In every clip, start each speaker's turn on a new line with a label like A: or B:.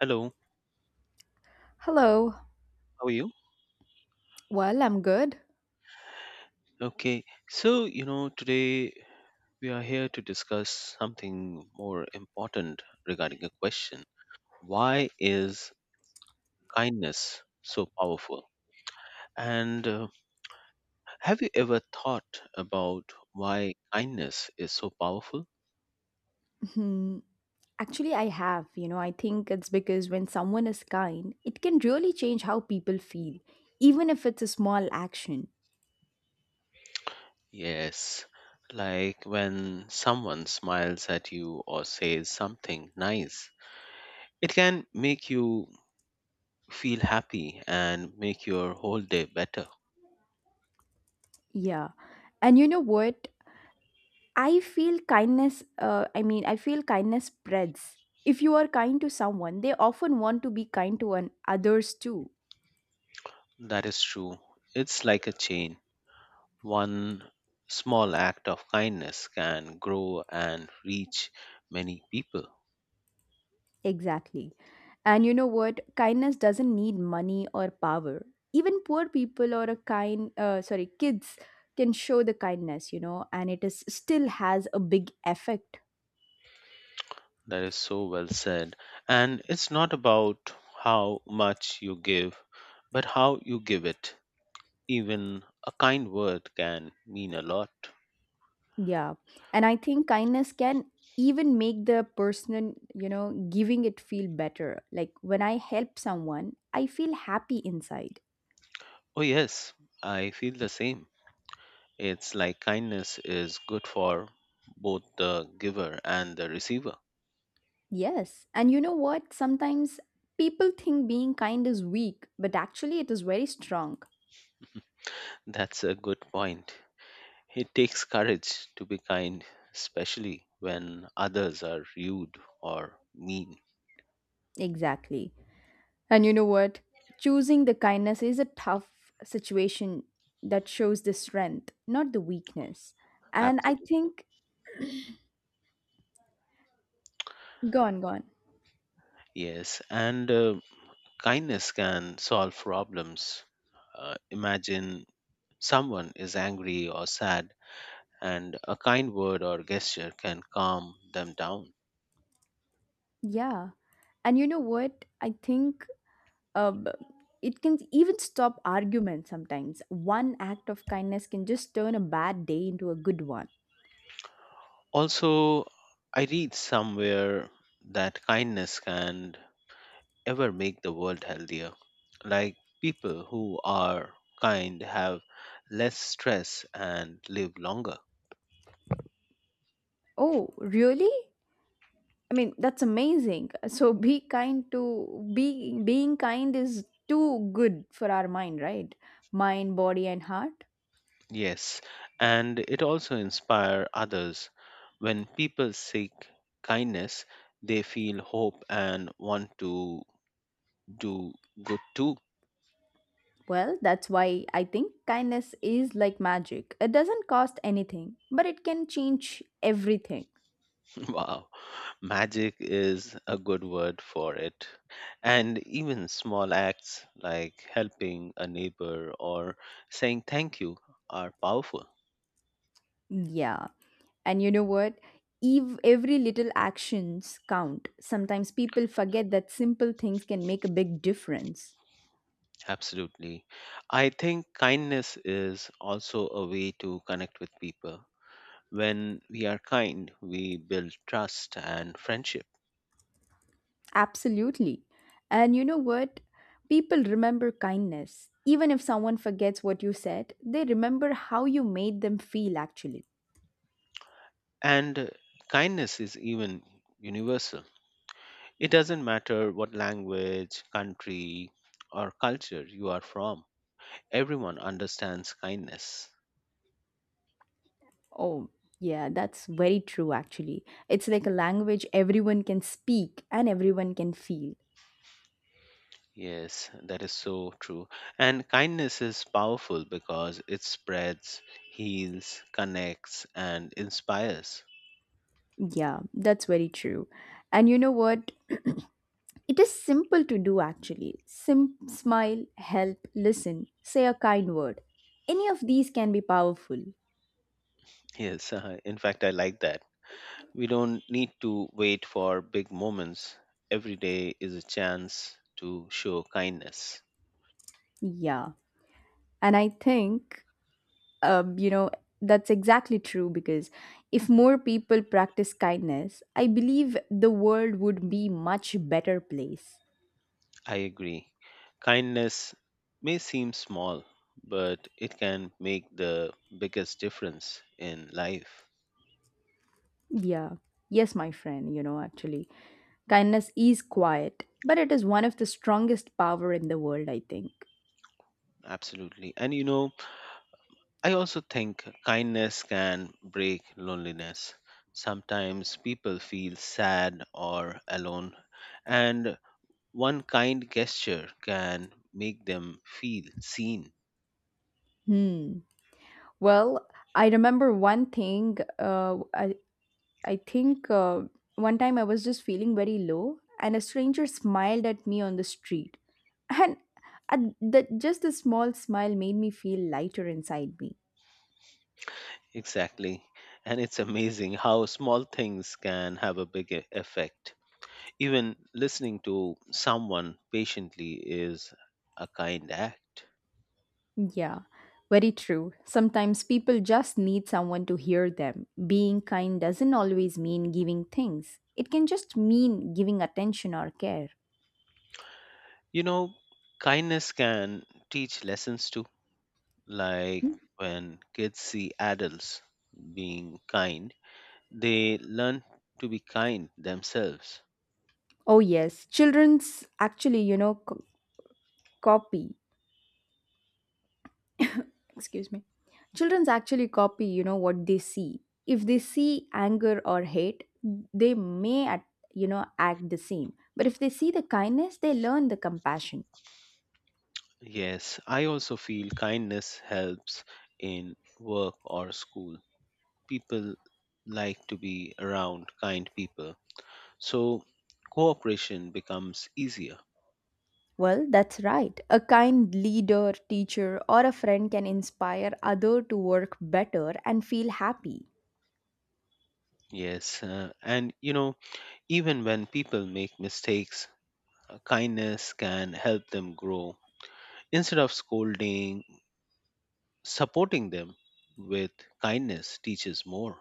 A: Hello,
B: Hello.
A: how are you?
B: Well, I'm good.
A: Okay, so you know, today we are here to discuss something more important regarding a question. Why is kindness so powerful? And Have you ever thought about why kindness is so powerful?
B: Hmm. Actually, I have. You know, I think it's because when someone is kind, it can really change how people feel, even if it's a small action.
A: Yes, like when someone smiles at you or says something nice, it can make you feel happy and make your whole day better.
B: Yeah. And you know what? I feel I feel kindness spreads. If you are kind to someone, they often want to be kind to an others too.
A: That is true. It's like a chain. One small act of kindness can grow and reach many people.
B: Exactly. And you know what? Kindness doesn't need money or power. Even poor people or kids can show the kindness, you know, and it is still has a big effect.
A: That is so well said. And it's not about how much you give, but how you give it. Even a kind word can mean a lot.
B: Yeah. And I think kindness can even make the person, you know, giving it feel better. Like when I help someone, I feel happy inside.
A: Oh, yes, I feel the same. It's like kindness is good for both the giver and the receiver.
B: Yes. And you know what? Sometimes people think being kind is weak, but actually it is very strong.
A: That's a good point. It takes courage to be kind, especially when others are rude or mean.
B: Exactly. And you know what? Choosing the kindness is a tough situation that shows the strength, not the weakness. And I
A: Absolutely.
B: think, gone, gone.
A: Yes, and kindness can solve problems. Imagine someone is angry or sad, and a kind word or gesture can calm them down.
B: Yeah. And you know what? I think um, it can even stop arguments sometimes. One act of kindness can just turn a bad day into a good one.
A: Also, I read somewhere that kindness can ever make the world healthier. Like people who are kind have less stress and live longer.
B: Oh, really? I mean, that's amazing. So be kind to be being kind is too good for our mind, right? Mind, body, and heart.
A: Yes, and it also inspire others. When people seek kindness, they feel hope and want to do good too.
B: Well, that's why I think kindness is like magic. It doesn't cost anything, but it can change everything.
A: Wow, magic is a good word for it. And even small acts like helping a neighbor or saying thank you are powerful.
B: Yeah. And you know what? Every little actions count. Sometimes people forget that simple things can make a big difference.
A: Absolutely. I think kindness is also a way to connect with people. When we are kind, we build trust and friendship.
B: Absolutely. And you know what? People remember kindness. Even if someone forgets what you said, they remember how you made them feel actually.
A: And Kindness is even universal. It doesn't matter what language, country, or culture you are from, everyone understands kindness.
B: Oh, yeah, that's very true, actually. It's like a language everyone can speak and everyone can feel.
A: Yes, that is so true. And kindness is powerful because it spreads, heals, connects, and inspires.
B: Yeah, that's very true. And you know what? It is simple to do, actually. Smile, help, listen, say a kind word. Any of these can be powerful.
A: Yes, in fact, I like that. We don't need to wait for big moments. Every day is a chance to show kindness.
B: Yeah. And I think, you know, that's exactly true because if more people practice kindness, I believe the world would be much better place.
A: I agree. Kindness may seem small, but it can make the biggest difference in life.
B: Yeah. Yes, my friend, you know, actually. Kindness is quiet, but it is one of the strongest power in the world, I think.
A: Absolutely. And you know, I also think kindness can break loneliness. Sometimes people feel sad or alone, and one kind gesture can make them feel seen.
B: Hmm. Well, I remember one thing. I think one time I was just feeling very low, and a stranger smiled at me on the street. And at the, just a small smile made me feel lighter inside me.
A: Exactly. And it's amazing how small things can have a big effect. Even listening to someone patiently is a kind act.
B: Yeah, very true. Sometimes people just need someone to hear them. Being kind doesn't always mean giving things, it can just mean giving attention or care.
A: You know, kindness can teach lessons too. Like
B: Mhm.
A: when kids see adults being kind, they learn to be kind themselves.
B: Oh, yes. Children's actually, you know, co- Copy. Excuse me. Children's actually copy, you know, what they see. If they see anger or hate, they may, at, you know, act the same. But if they see the kindness, they learn the compassion.
A: Yes, I also feel kindness helps in work or school. People like to be around kind people, so cooperation becomes easier.
B: Well, that's right. A kind leader, teacher, or a friend can inspire other to work better and feel happy.
A: Yes, and you know, even when people make mistakes, kindness can help them grow. Instead of scolding, supporting them with kindness teaches more.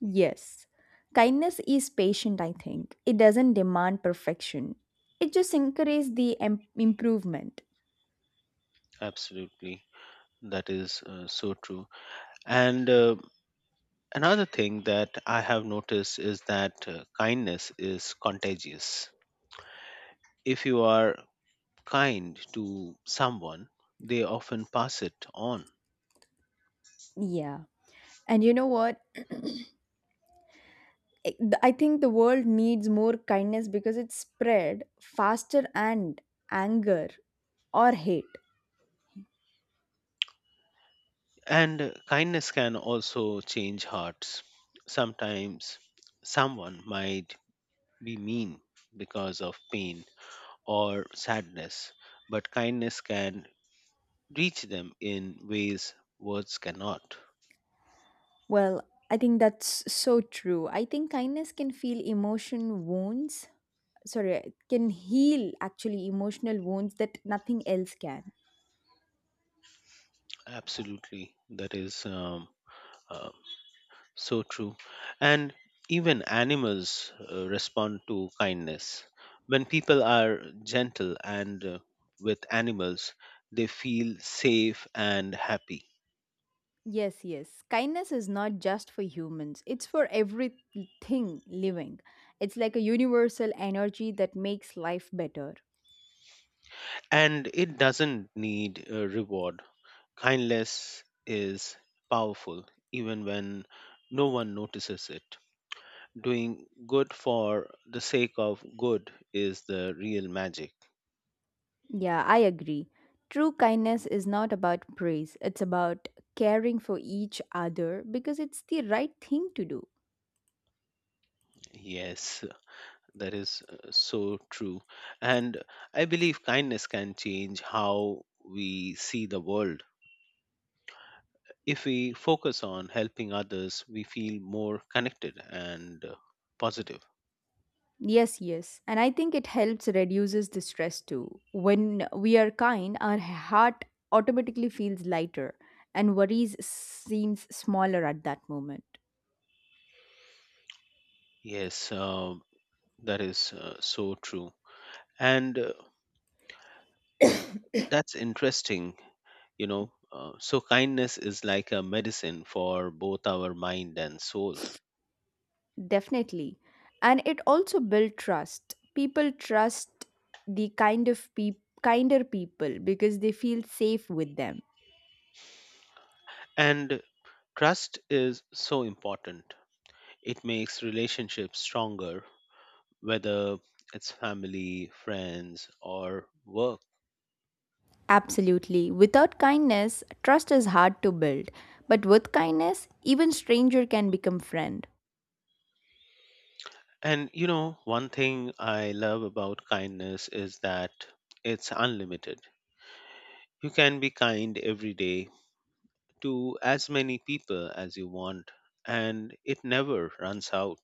B: Yes. Kindness is patient, I think. It doesn't demand perfection. It just encourages the improvement.
A: Absolutely, that is so true. And Another thing that I have noticed is that kindness is contagious. If you are kind to someone, they often pass it on.
B: Yeah. And you know what? I I think the world needs more kindness because it's spread faster and anger or hate.
A: And Kindness can also change hearts. Sometimes someone might be mean because of pain or sadness, but kindness can reach them in ways words cannot.
B: Well, I think that's so true. I think kindness can feel emotion wounds sorry, Can heal actually emotional wounds that nothing else can.
A: Absolutely. That is um, uh, So true. And even animals respond to kindness. When people are gentle and with animals, they feel safe and happy.
B: Yes, yes. Kindness is not just for humans, it's for everything living. It's like a universal energy that makes life better.
A: And it doesn't need a reward. Kindness is powerful even when no one notices it. Doing good for the sake of good is the real magic.
B: Yeah, I agree. True kindness is not about praise, it's about caring for each other because it's the right thing to do.
A: Yes. That is so true. And I believe kindness can change how we see the world. If we focus on helping others, we feel more connected and positive.
B: Yes, yes. And I think it helps reduces the stress too. When we are kind, our heart automatically feels lighter and worries seems smaller at that moment.
A: Yes, that is so true. And that's interesting, you know. So, kindness is like a medicine for both our mind and soul.
B: Definitely. And it also builds trust. People trust the kinder people because they feel safe with them.
A: And trust is so important. It makes relationships stronger whether it's family, friends, or work.
B: Absolutely. Without kindness, trust is hard to build. But with kindness, even stranger can become friend.
A: And you know, one thing I love about kindness is that it's unlimited. You can be kind every day to as many people as you want, and it never runs out.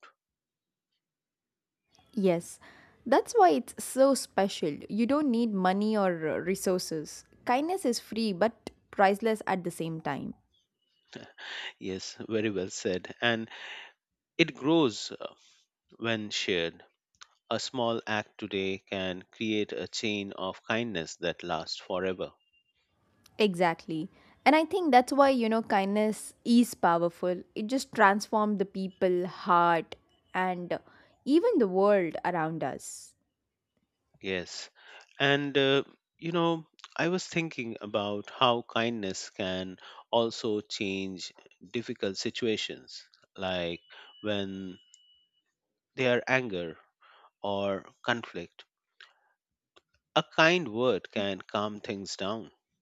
B: Yes. That's why it's so special. You don't need money or resources. Kindness is free but priceless at the same time.
A: Yes, very well said. And it grows when shared. A small act today can create a chain of kindness that lasts forever.
B: Exactly. And I think that's why, you know, kindness is powerful. It just transforms the people, heart, and even the world around us.
A: Yes. And, you know, I was thinking about how kindness can also change difficult situations, like when there are anger or conflict. A kind word can calm things down.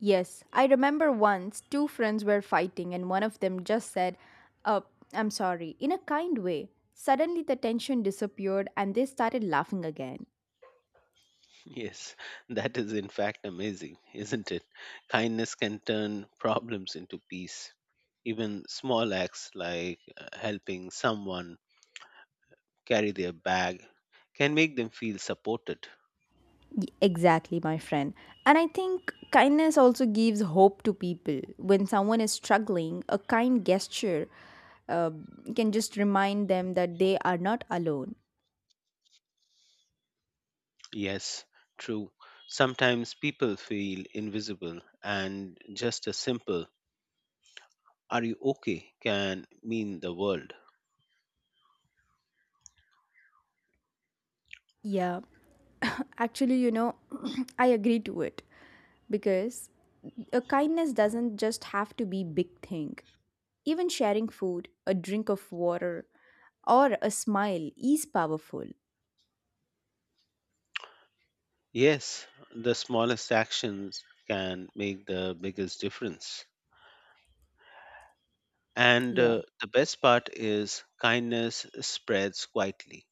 B: Yes, I remember once two friends were fighting and one of them just said, "Uh, I'm sorry," in a kind way. Suddenly the tension disappeared and they started laughing again.
A: Yes, that is in fact amazing, isn't it? Kindness can turn problems into peace. Even small acts like helping someone carry their bag can make them feel supported.
B: Exactly, my friend. And I think kindness also gives hope to people. When someone is struggling, a kind gesture uh, can just remind them that they are not alone.
A: Yes, true. Sometimes people feel invisible, and just a simple, are you okay, can mean the world.
B: Yeah, actually, you know, I agree to it because a kindness doesn't just have to be big thing. Even sharing food, a drink of water, or a smile is powerful.
A: Yes, the smallest actions can make the biggest difference. And
B: Yeah.
A: uh, the best part is kindness spreads quietly.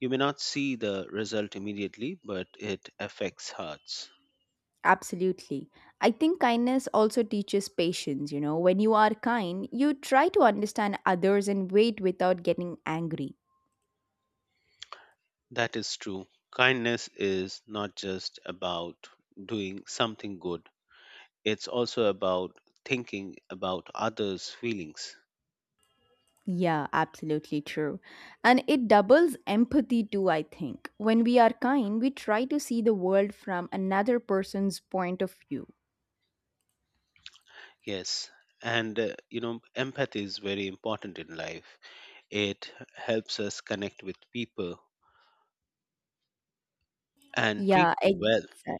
A: You may not see the result immediately, but it affects hearts.
B: Absolutely. I think kindness also teaches patience. You know, when you are kind, you try to understand others and wait without getting angry.
A: That is true. Kindness is not just about doing something good. It's also about thinking about others' feelings.
B: Yeah, absolutely true. And it doubles empathy too, I think. When we are kind, we try to see the world from another person's point of view.
A: Yes. And, you know, empathy is very important in life. It helps us connect with people and treat
B: Yeah,
A: them well.
B: exactly.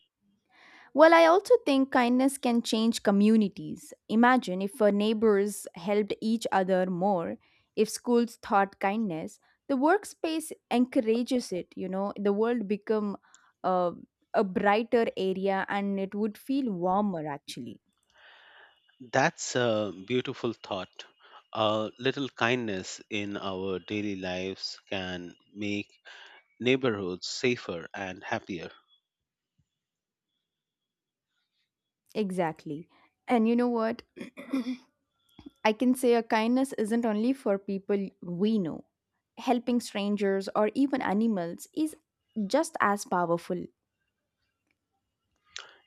B: Well, I also think kindness can change communities. Imagine if our neighbors helped each other more, if schools taught kindness, the workspace encourages it, you know, the world become uh, a brighter area and it would feel warmer actually.
A: That's a beautiful thought. A little kindness in our daily lives can make neighborhoods safer and happier.
B: Exactly. And you know what? I can say a kindness isn't only for people we know. Helping strangers or even animals is just as powerful.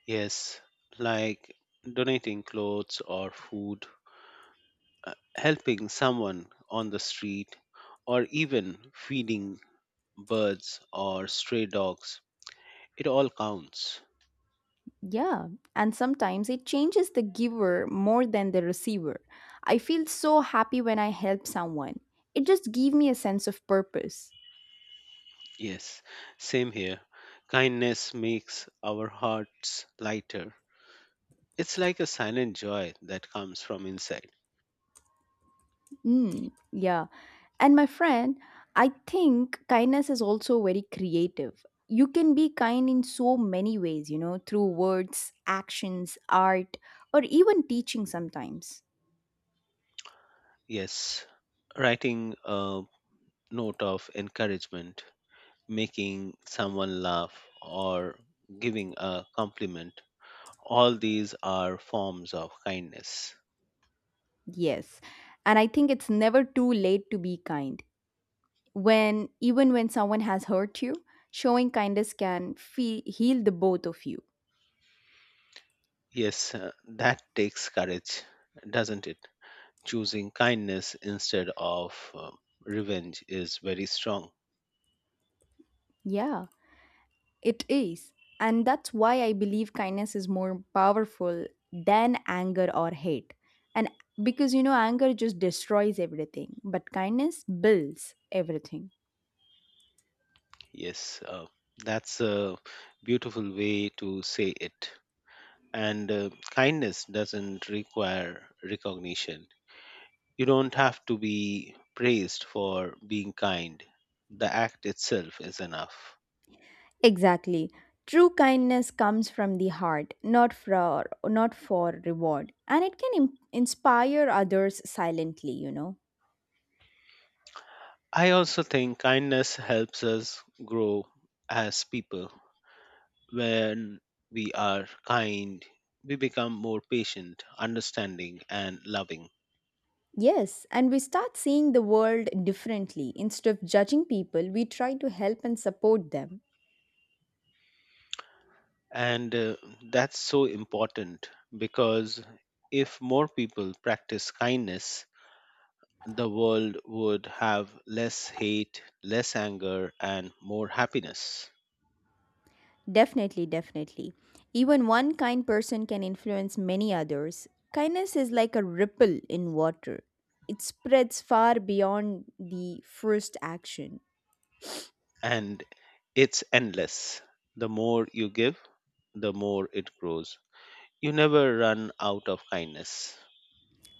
A: Yes, like donating clothes or food, helping someone on the street, or even feeding birds or stray dogs. It all counts.
B: Yeah, and sometimes it changes the giver more than the receiver. I feel so happy when I help someone. It just gives me a sense of purpose.
A: Yes, same here. Kindness makes our hearts lighter. It's like a silent joy that comes from inside.
B: Mm, yeah. And my friend, I think kindness is also very creative. You can be kind in so many ways, you know, through words, actions, art, or even teaching sometimes.
A: Yes, writing a note of encouragement, making someone laugh, or giving a compliment, all these are forms of kindness.
B: Yes. And I think it's never too late to be kind. When Even when someone has hurt you, showing kindness can heal the both of you.
A: Yes, that takes courage, doesn't it? Choosing kindness instead of revenge is very strong.
B: Yeah, it is. And that's why I believe kindness is more powerful than anger or hate. And because you know anger just destroys everything, but kindness builds everything.
A: Yes, that's a beautiful way to say it. And Kindness doesn't require recognition. You don't have to be praised for being kind, the act itself is enough.
B: Exactly. True kindness comes from the heart, not for reward, and it can inspire others silently, you know.
A: I also think kindness helps us grow as people. When we are kind, we become more patient, understanding, and loving.
B: Yes, and we start seeing the world differently. Instead of judging people, we try to help and support them.
A: And that's so important because if more people practice kindness, the world would have less hate, less anger, and more happiness.
B: Definitely, definitely. Even one kind person can influence many others. Kindness is like a ripple in water, it spreads far beyond the first action.
A: And it's endless. The more you give, the more it grows. You never run out of kindness.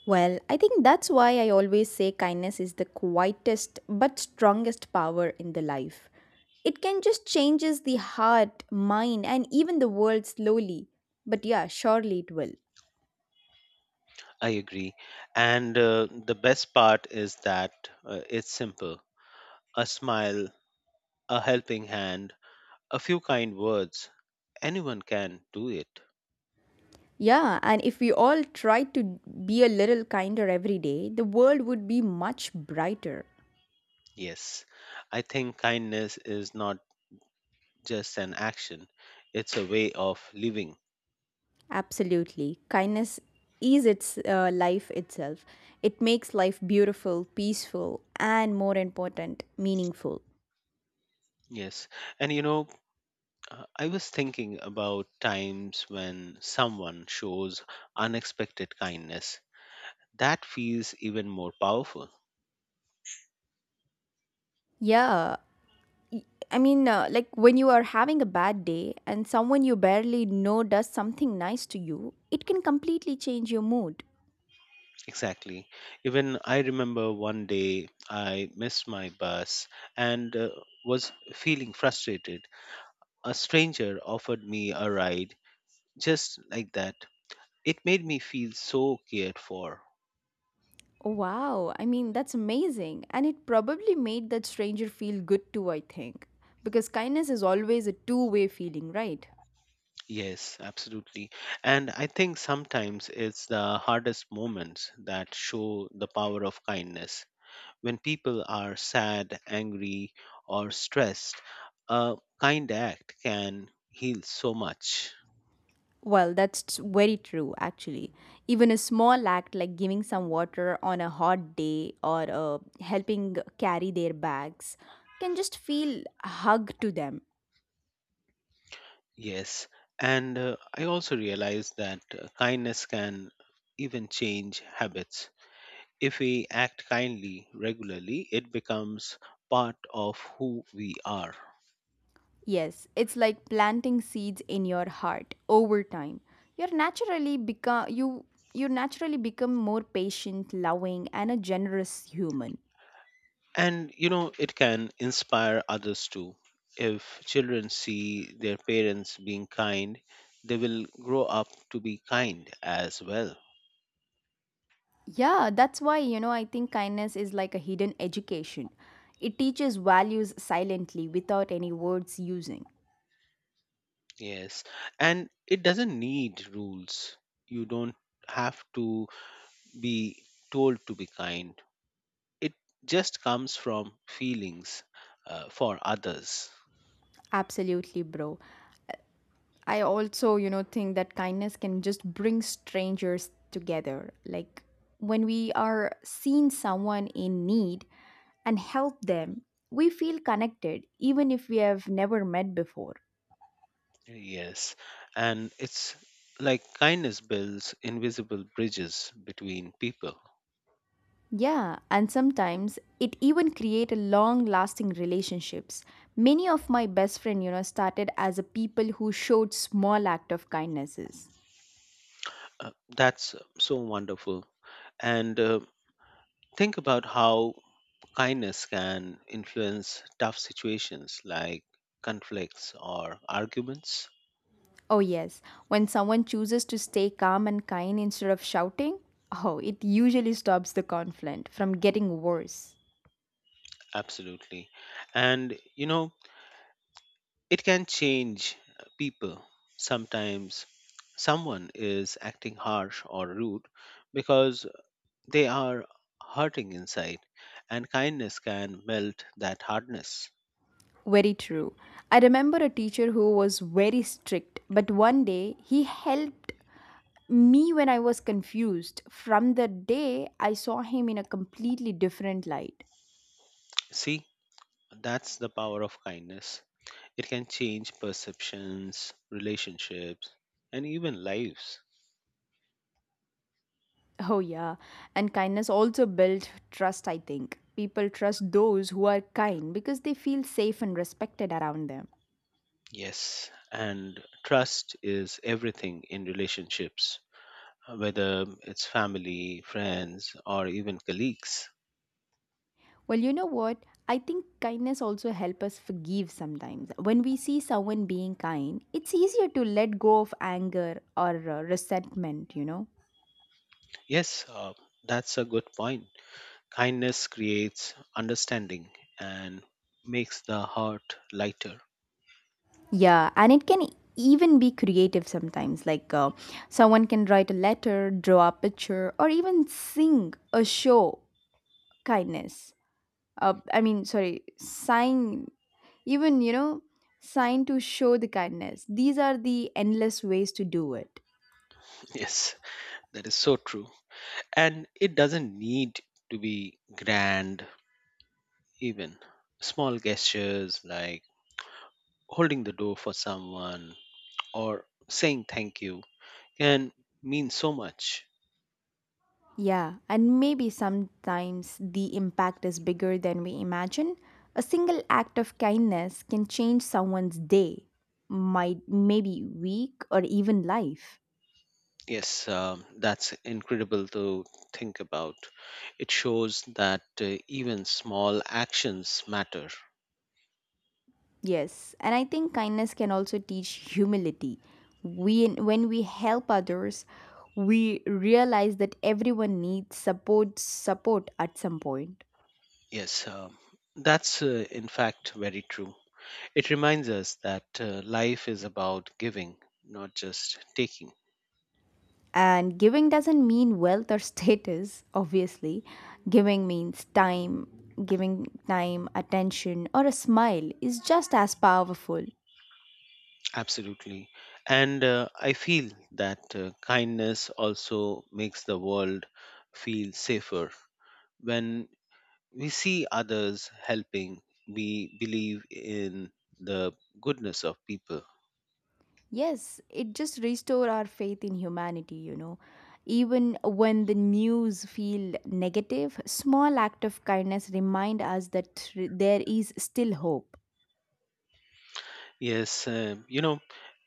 B: Well, I think that's why I always say kindness is the quietest but strongest power in the life. It can just changes the heart, mind, and even the world slowly. But yeah, surely it will.
A: I agree. And the best part is that it's simple: a smile, a helping hand, a few kind words. Anyone can do it.
B: Yeah, and if we all tried to be a little kinder every day, the world would be much brighter.
A: Yes, I think kindness is not just an action, it's a way of living.
B: Absolutely. Kindness is its life itself. It makes life beautiful, peaceful, and more important, meaningful.
A: Yes. And you know, I was thinking about times when someone shows unexpected kindness. That feels even more powerful.
B: Yeah, y- like when you are having a bad day and someone you barely know does something nice to you, it can completely change your mood.
A: Exactly. Even I remember one day I missed my bus and was feeling frustrated. A stranger offered me a ride just like that. It made me feel so cared for.
B: Wow, I mean, that's amazing. And it probably made that stranger feel good too, I think. Because kindness is always a two-way feeling, right?
A: Yes, absolutely. And I think sometimes it's the hardest moments that show the power of kindness. When people are sad, angry, or stressed, a kind act can heal so much.
B: Well, that's very true, actually. Even a small act like giving some water on a hot day or helping carry their bags can just feel a hug to them.
A: Yes, and I also realized that kindness can even change habits. If we act kindly regularly, it becomes part of who we are.
B: Yes, it's like planting seeds in your heart over time. You're naturally become you you naturally become more patient, loving and a generous human.
A: And you know, it can inspire others too. If children see their parents being kind, they will grow up to be kind as well.
B: Yeah, that's why you know I think kindness is like a hidden education. It teaches values silently without any words using.
A: Yes, and it doesn't need rules. You don't have to be told to be kind. It just comes from feelings for others.
B: Absolutely, bro. I also, you know, think that kindness can just bring strangers together. Like when we are seeing someone in need and help them, we feel connected even if we have never met before.
A: Yes. And it's like kindness builds invisible bridges between people.
B: Yeah, and sometimes it even create a long-lasting relationships. Many of my best friend, you know, started as a people who showed small act of kindnesses.
A: That's so wonderful. And Think about how kindness can influence tough situations like conflicts or arguments.
B: Oh, yes. When someone chooses to stay calm and kind instead of shouting, oh, it usually stops the conflict from getting worse.
A: Absolutely. And, you know, it can change people. Sometimes someone is acting harsh or rude because they are hurting inside, and kindness can melt that hardness.
B: Very true. I remember a teacher who was very strict, but one day he helped me when I was confused. From the day, I saw him in a completely different light.
A: See, that's the power of kindness. It can change perceptions, relationships, and even lives.
B: Oh, yeah. And kindness also builds trust, I think. People trust those who are kind because they feel safe and respected around them.
A: Yes, and trust is everything in relationships, whether it's family, friends, or even colleagues.
B: Well, you know what? I think kindness also help us forgive sometimes. When we see someone being kind, it's easier to let go of anger or resentment, you know?
A: Yes, that's a good point. Kindness creates understanding and makes the heart lighter.
B: Yeah, and it can even be creative sometimes. Like someone can write a letter, draw a picture, or even sing a show kindness. Sign, even, you know, sign to show the kindness. These are the endless ways to do it.
A: Yes, that is so true. And it doesn't need to be grand, even. Small gestures like holding the door for someone or saying thank you can mean so much.
B: Yeah, and maybe sometimes the impact is bigger than we imagine. A single act of kindness can change someone's day, might maybe week or even life.
A: Yes, that's incredible to think about. It shows that even small actions matter.
B: Yes, and I think kindness can also teach humility. We When we help others, we realize that everyone needs support at some point.
A: Yes, that's in fact very true. It reminds us that life is about giving, not just taking.
B: And giving doesn't mean wealth or status, obviously. Giving means time, Giving time, attention, or a smile is just as powerful.
A: Absolutely. And I feel that kindness also makes the world feel safer. When we see others helping, we believe in the goodness of people.
B: Yes, it just restore our faith in humanity, you know. Even when the news feel negative, small act of kindness remind us that there is still hope.
A: Yes, uh, you know,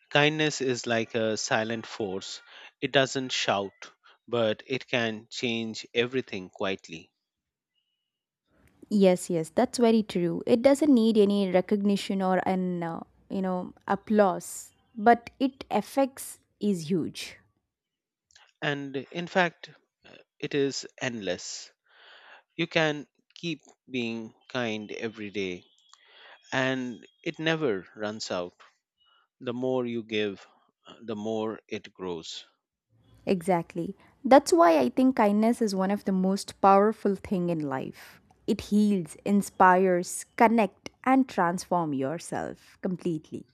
A: Kindness is like a silent force. It doesn't shout, but it can change everything quietly.
B: Yes, yes, that's very true. It doesn't need any recognition or an you know applause, but it affects is huge.
A: And in fact, uh, it is endless. You can keep being kind every day, and it never runs out. The more you give, the more it grows.
B: Exactly. That's why I think kindness is one of the most powerful thing in life. It heals, inspires, connect and transform yourself completely.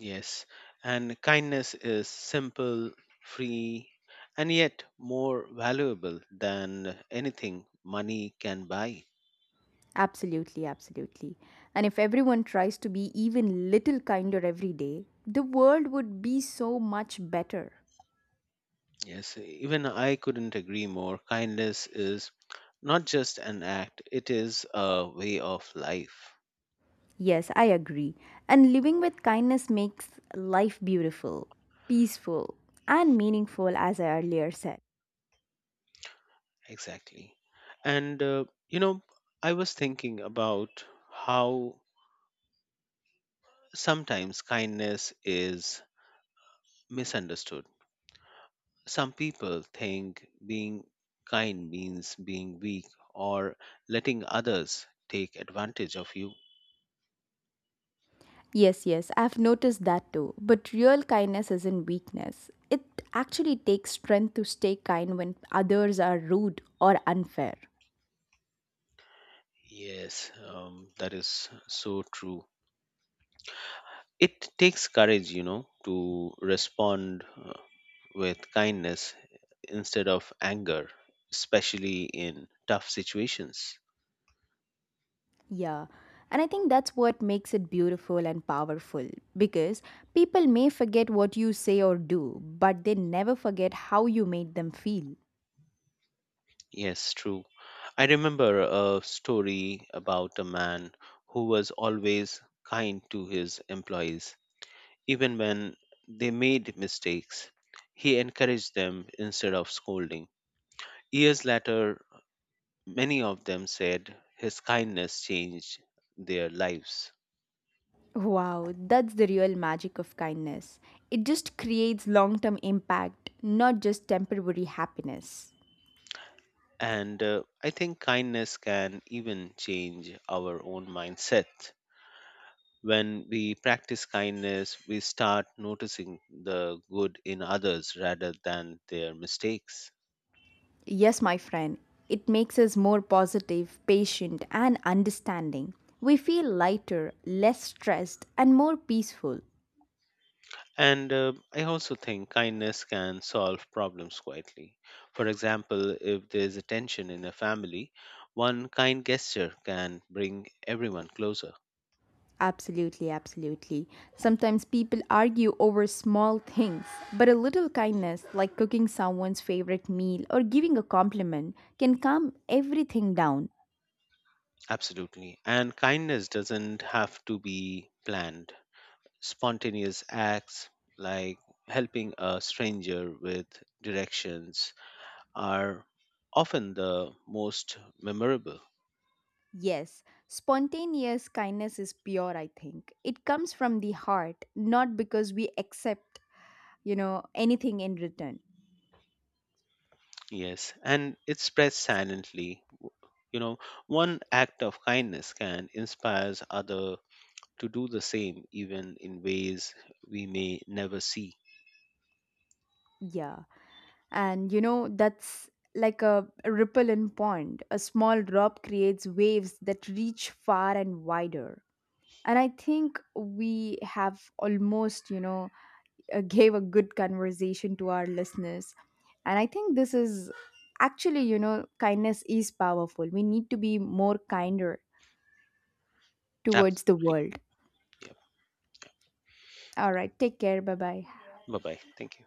A: Yes, and kindness is simple, free, and yet more valuable than anything money can buy.
B: Absolutely, absolutely. And if everyone tries to be even little kinder every day, the world would be so much better.
A: Yes, even I couldn't agree more. Kindness is not just an act, it is a way of life.
B: Yes, I agree. And living with kindness makes life beautiful, peaceful, and meaningful, as I earlier said.
A: Exactly. And, you know, I was thinking about how sometimes kindness is misunderstood. Some people think being kind means being weak or letting others take advantage of you.
B: Yes, yes, I've noticed that too. But real kindness isn't weakness. It actually takes strength to stay kind when others are rude or unfair.
A: Yes, that is so true. It takes courage, you know, to respond with kindness instead of anger, especially in tough situations.
B: Yeah. And I think that's what makes it beautiful and powerful because people may forget what you say or do, but they never forget how you made them feel.
A: Yes, true. I remember a story about a man who was always kind to his employees, even when they made mistakes. He encouraged them instead of scolding. Years later, many of them said his kindness changed their lives.
B: Wow, that's the real magic of kindness. It just creates long term impact, not just temporary happiness.
A: And I think kindness can even change our own mindset. When we practice kindness, we start noticing the good in others rather than their mistakes.
B: Yes, my friend, it makes us more positive, patient, and understanding. We feel lighter, less stressed, and more peaceful.
A: And I also think kindness can solve problems quietly. For example, if there's a tension in a family, one kind gesture can bring everyone closer.
B: Absolutely, absolutely. Sometimes people argue over small things, but a little kindness, like cooking someone's favorite meal or giving a compliment, can calm everything down.
A: Absolutely. And kindness doesn't have to be planned: spontaneous acts like helping a stranger with directions are often the most memorable.
B: Yes, spontaneous kindness is pure, I think. It comes from the heart, not because we accept, you know, anything in return.
A: Yes, and it spreads silently. You know, one act of kindness can inspire other to do the same, even in ways we may never see.
B: Yeah. And, you know, that's like a ripple in pond. A small drop creates waves that reach far and wider. And I think we have almost, you know, gave a good conversation to our listeners. And I think this is actually, you know, kindness is powerful. We need to be more kinder towards the
A: Absolutely.
B: world.
A: Yeah.
B: All right, take care. Bye bye.
A: Bye bye. Thank you.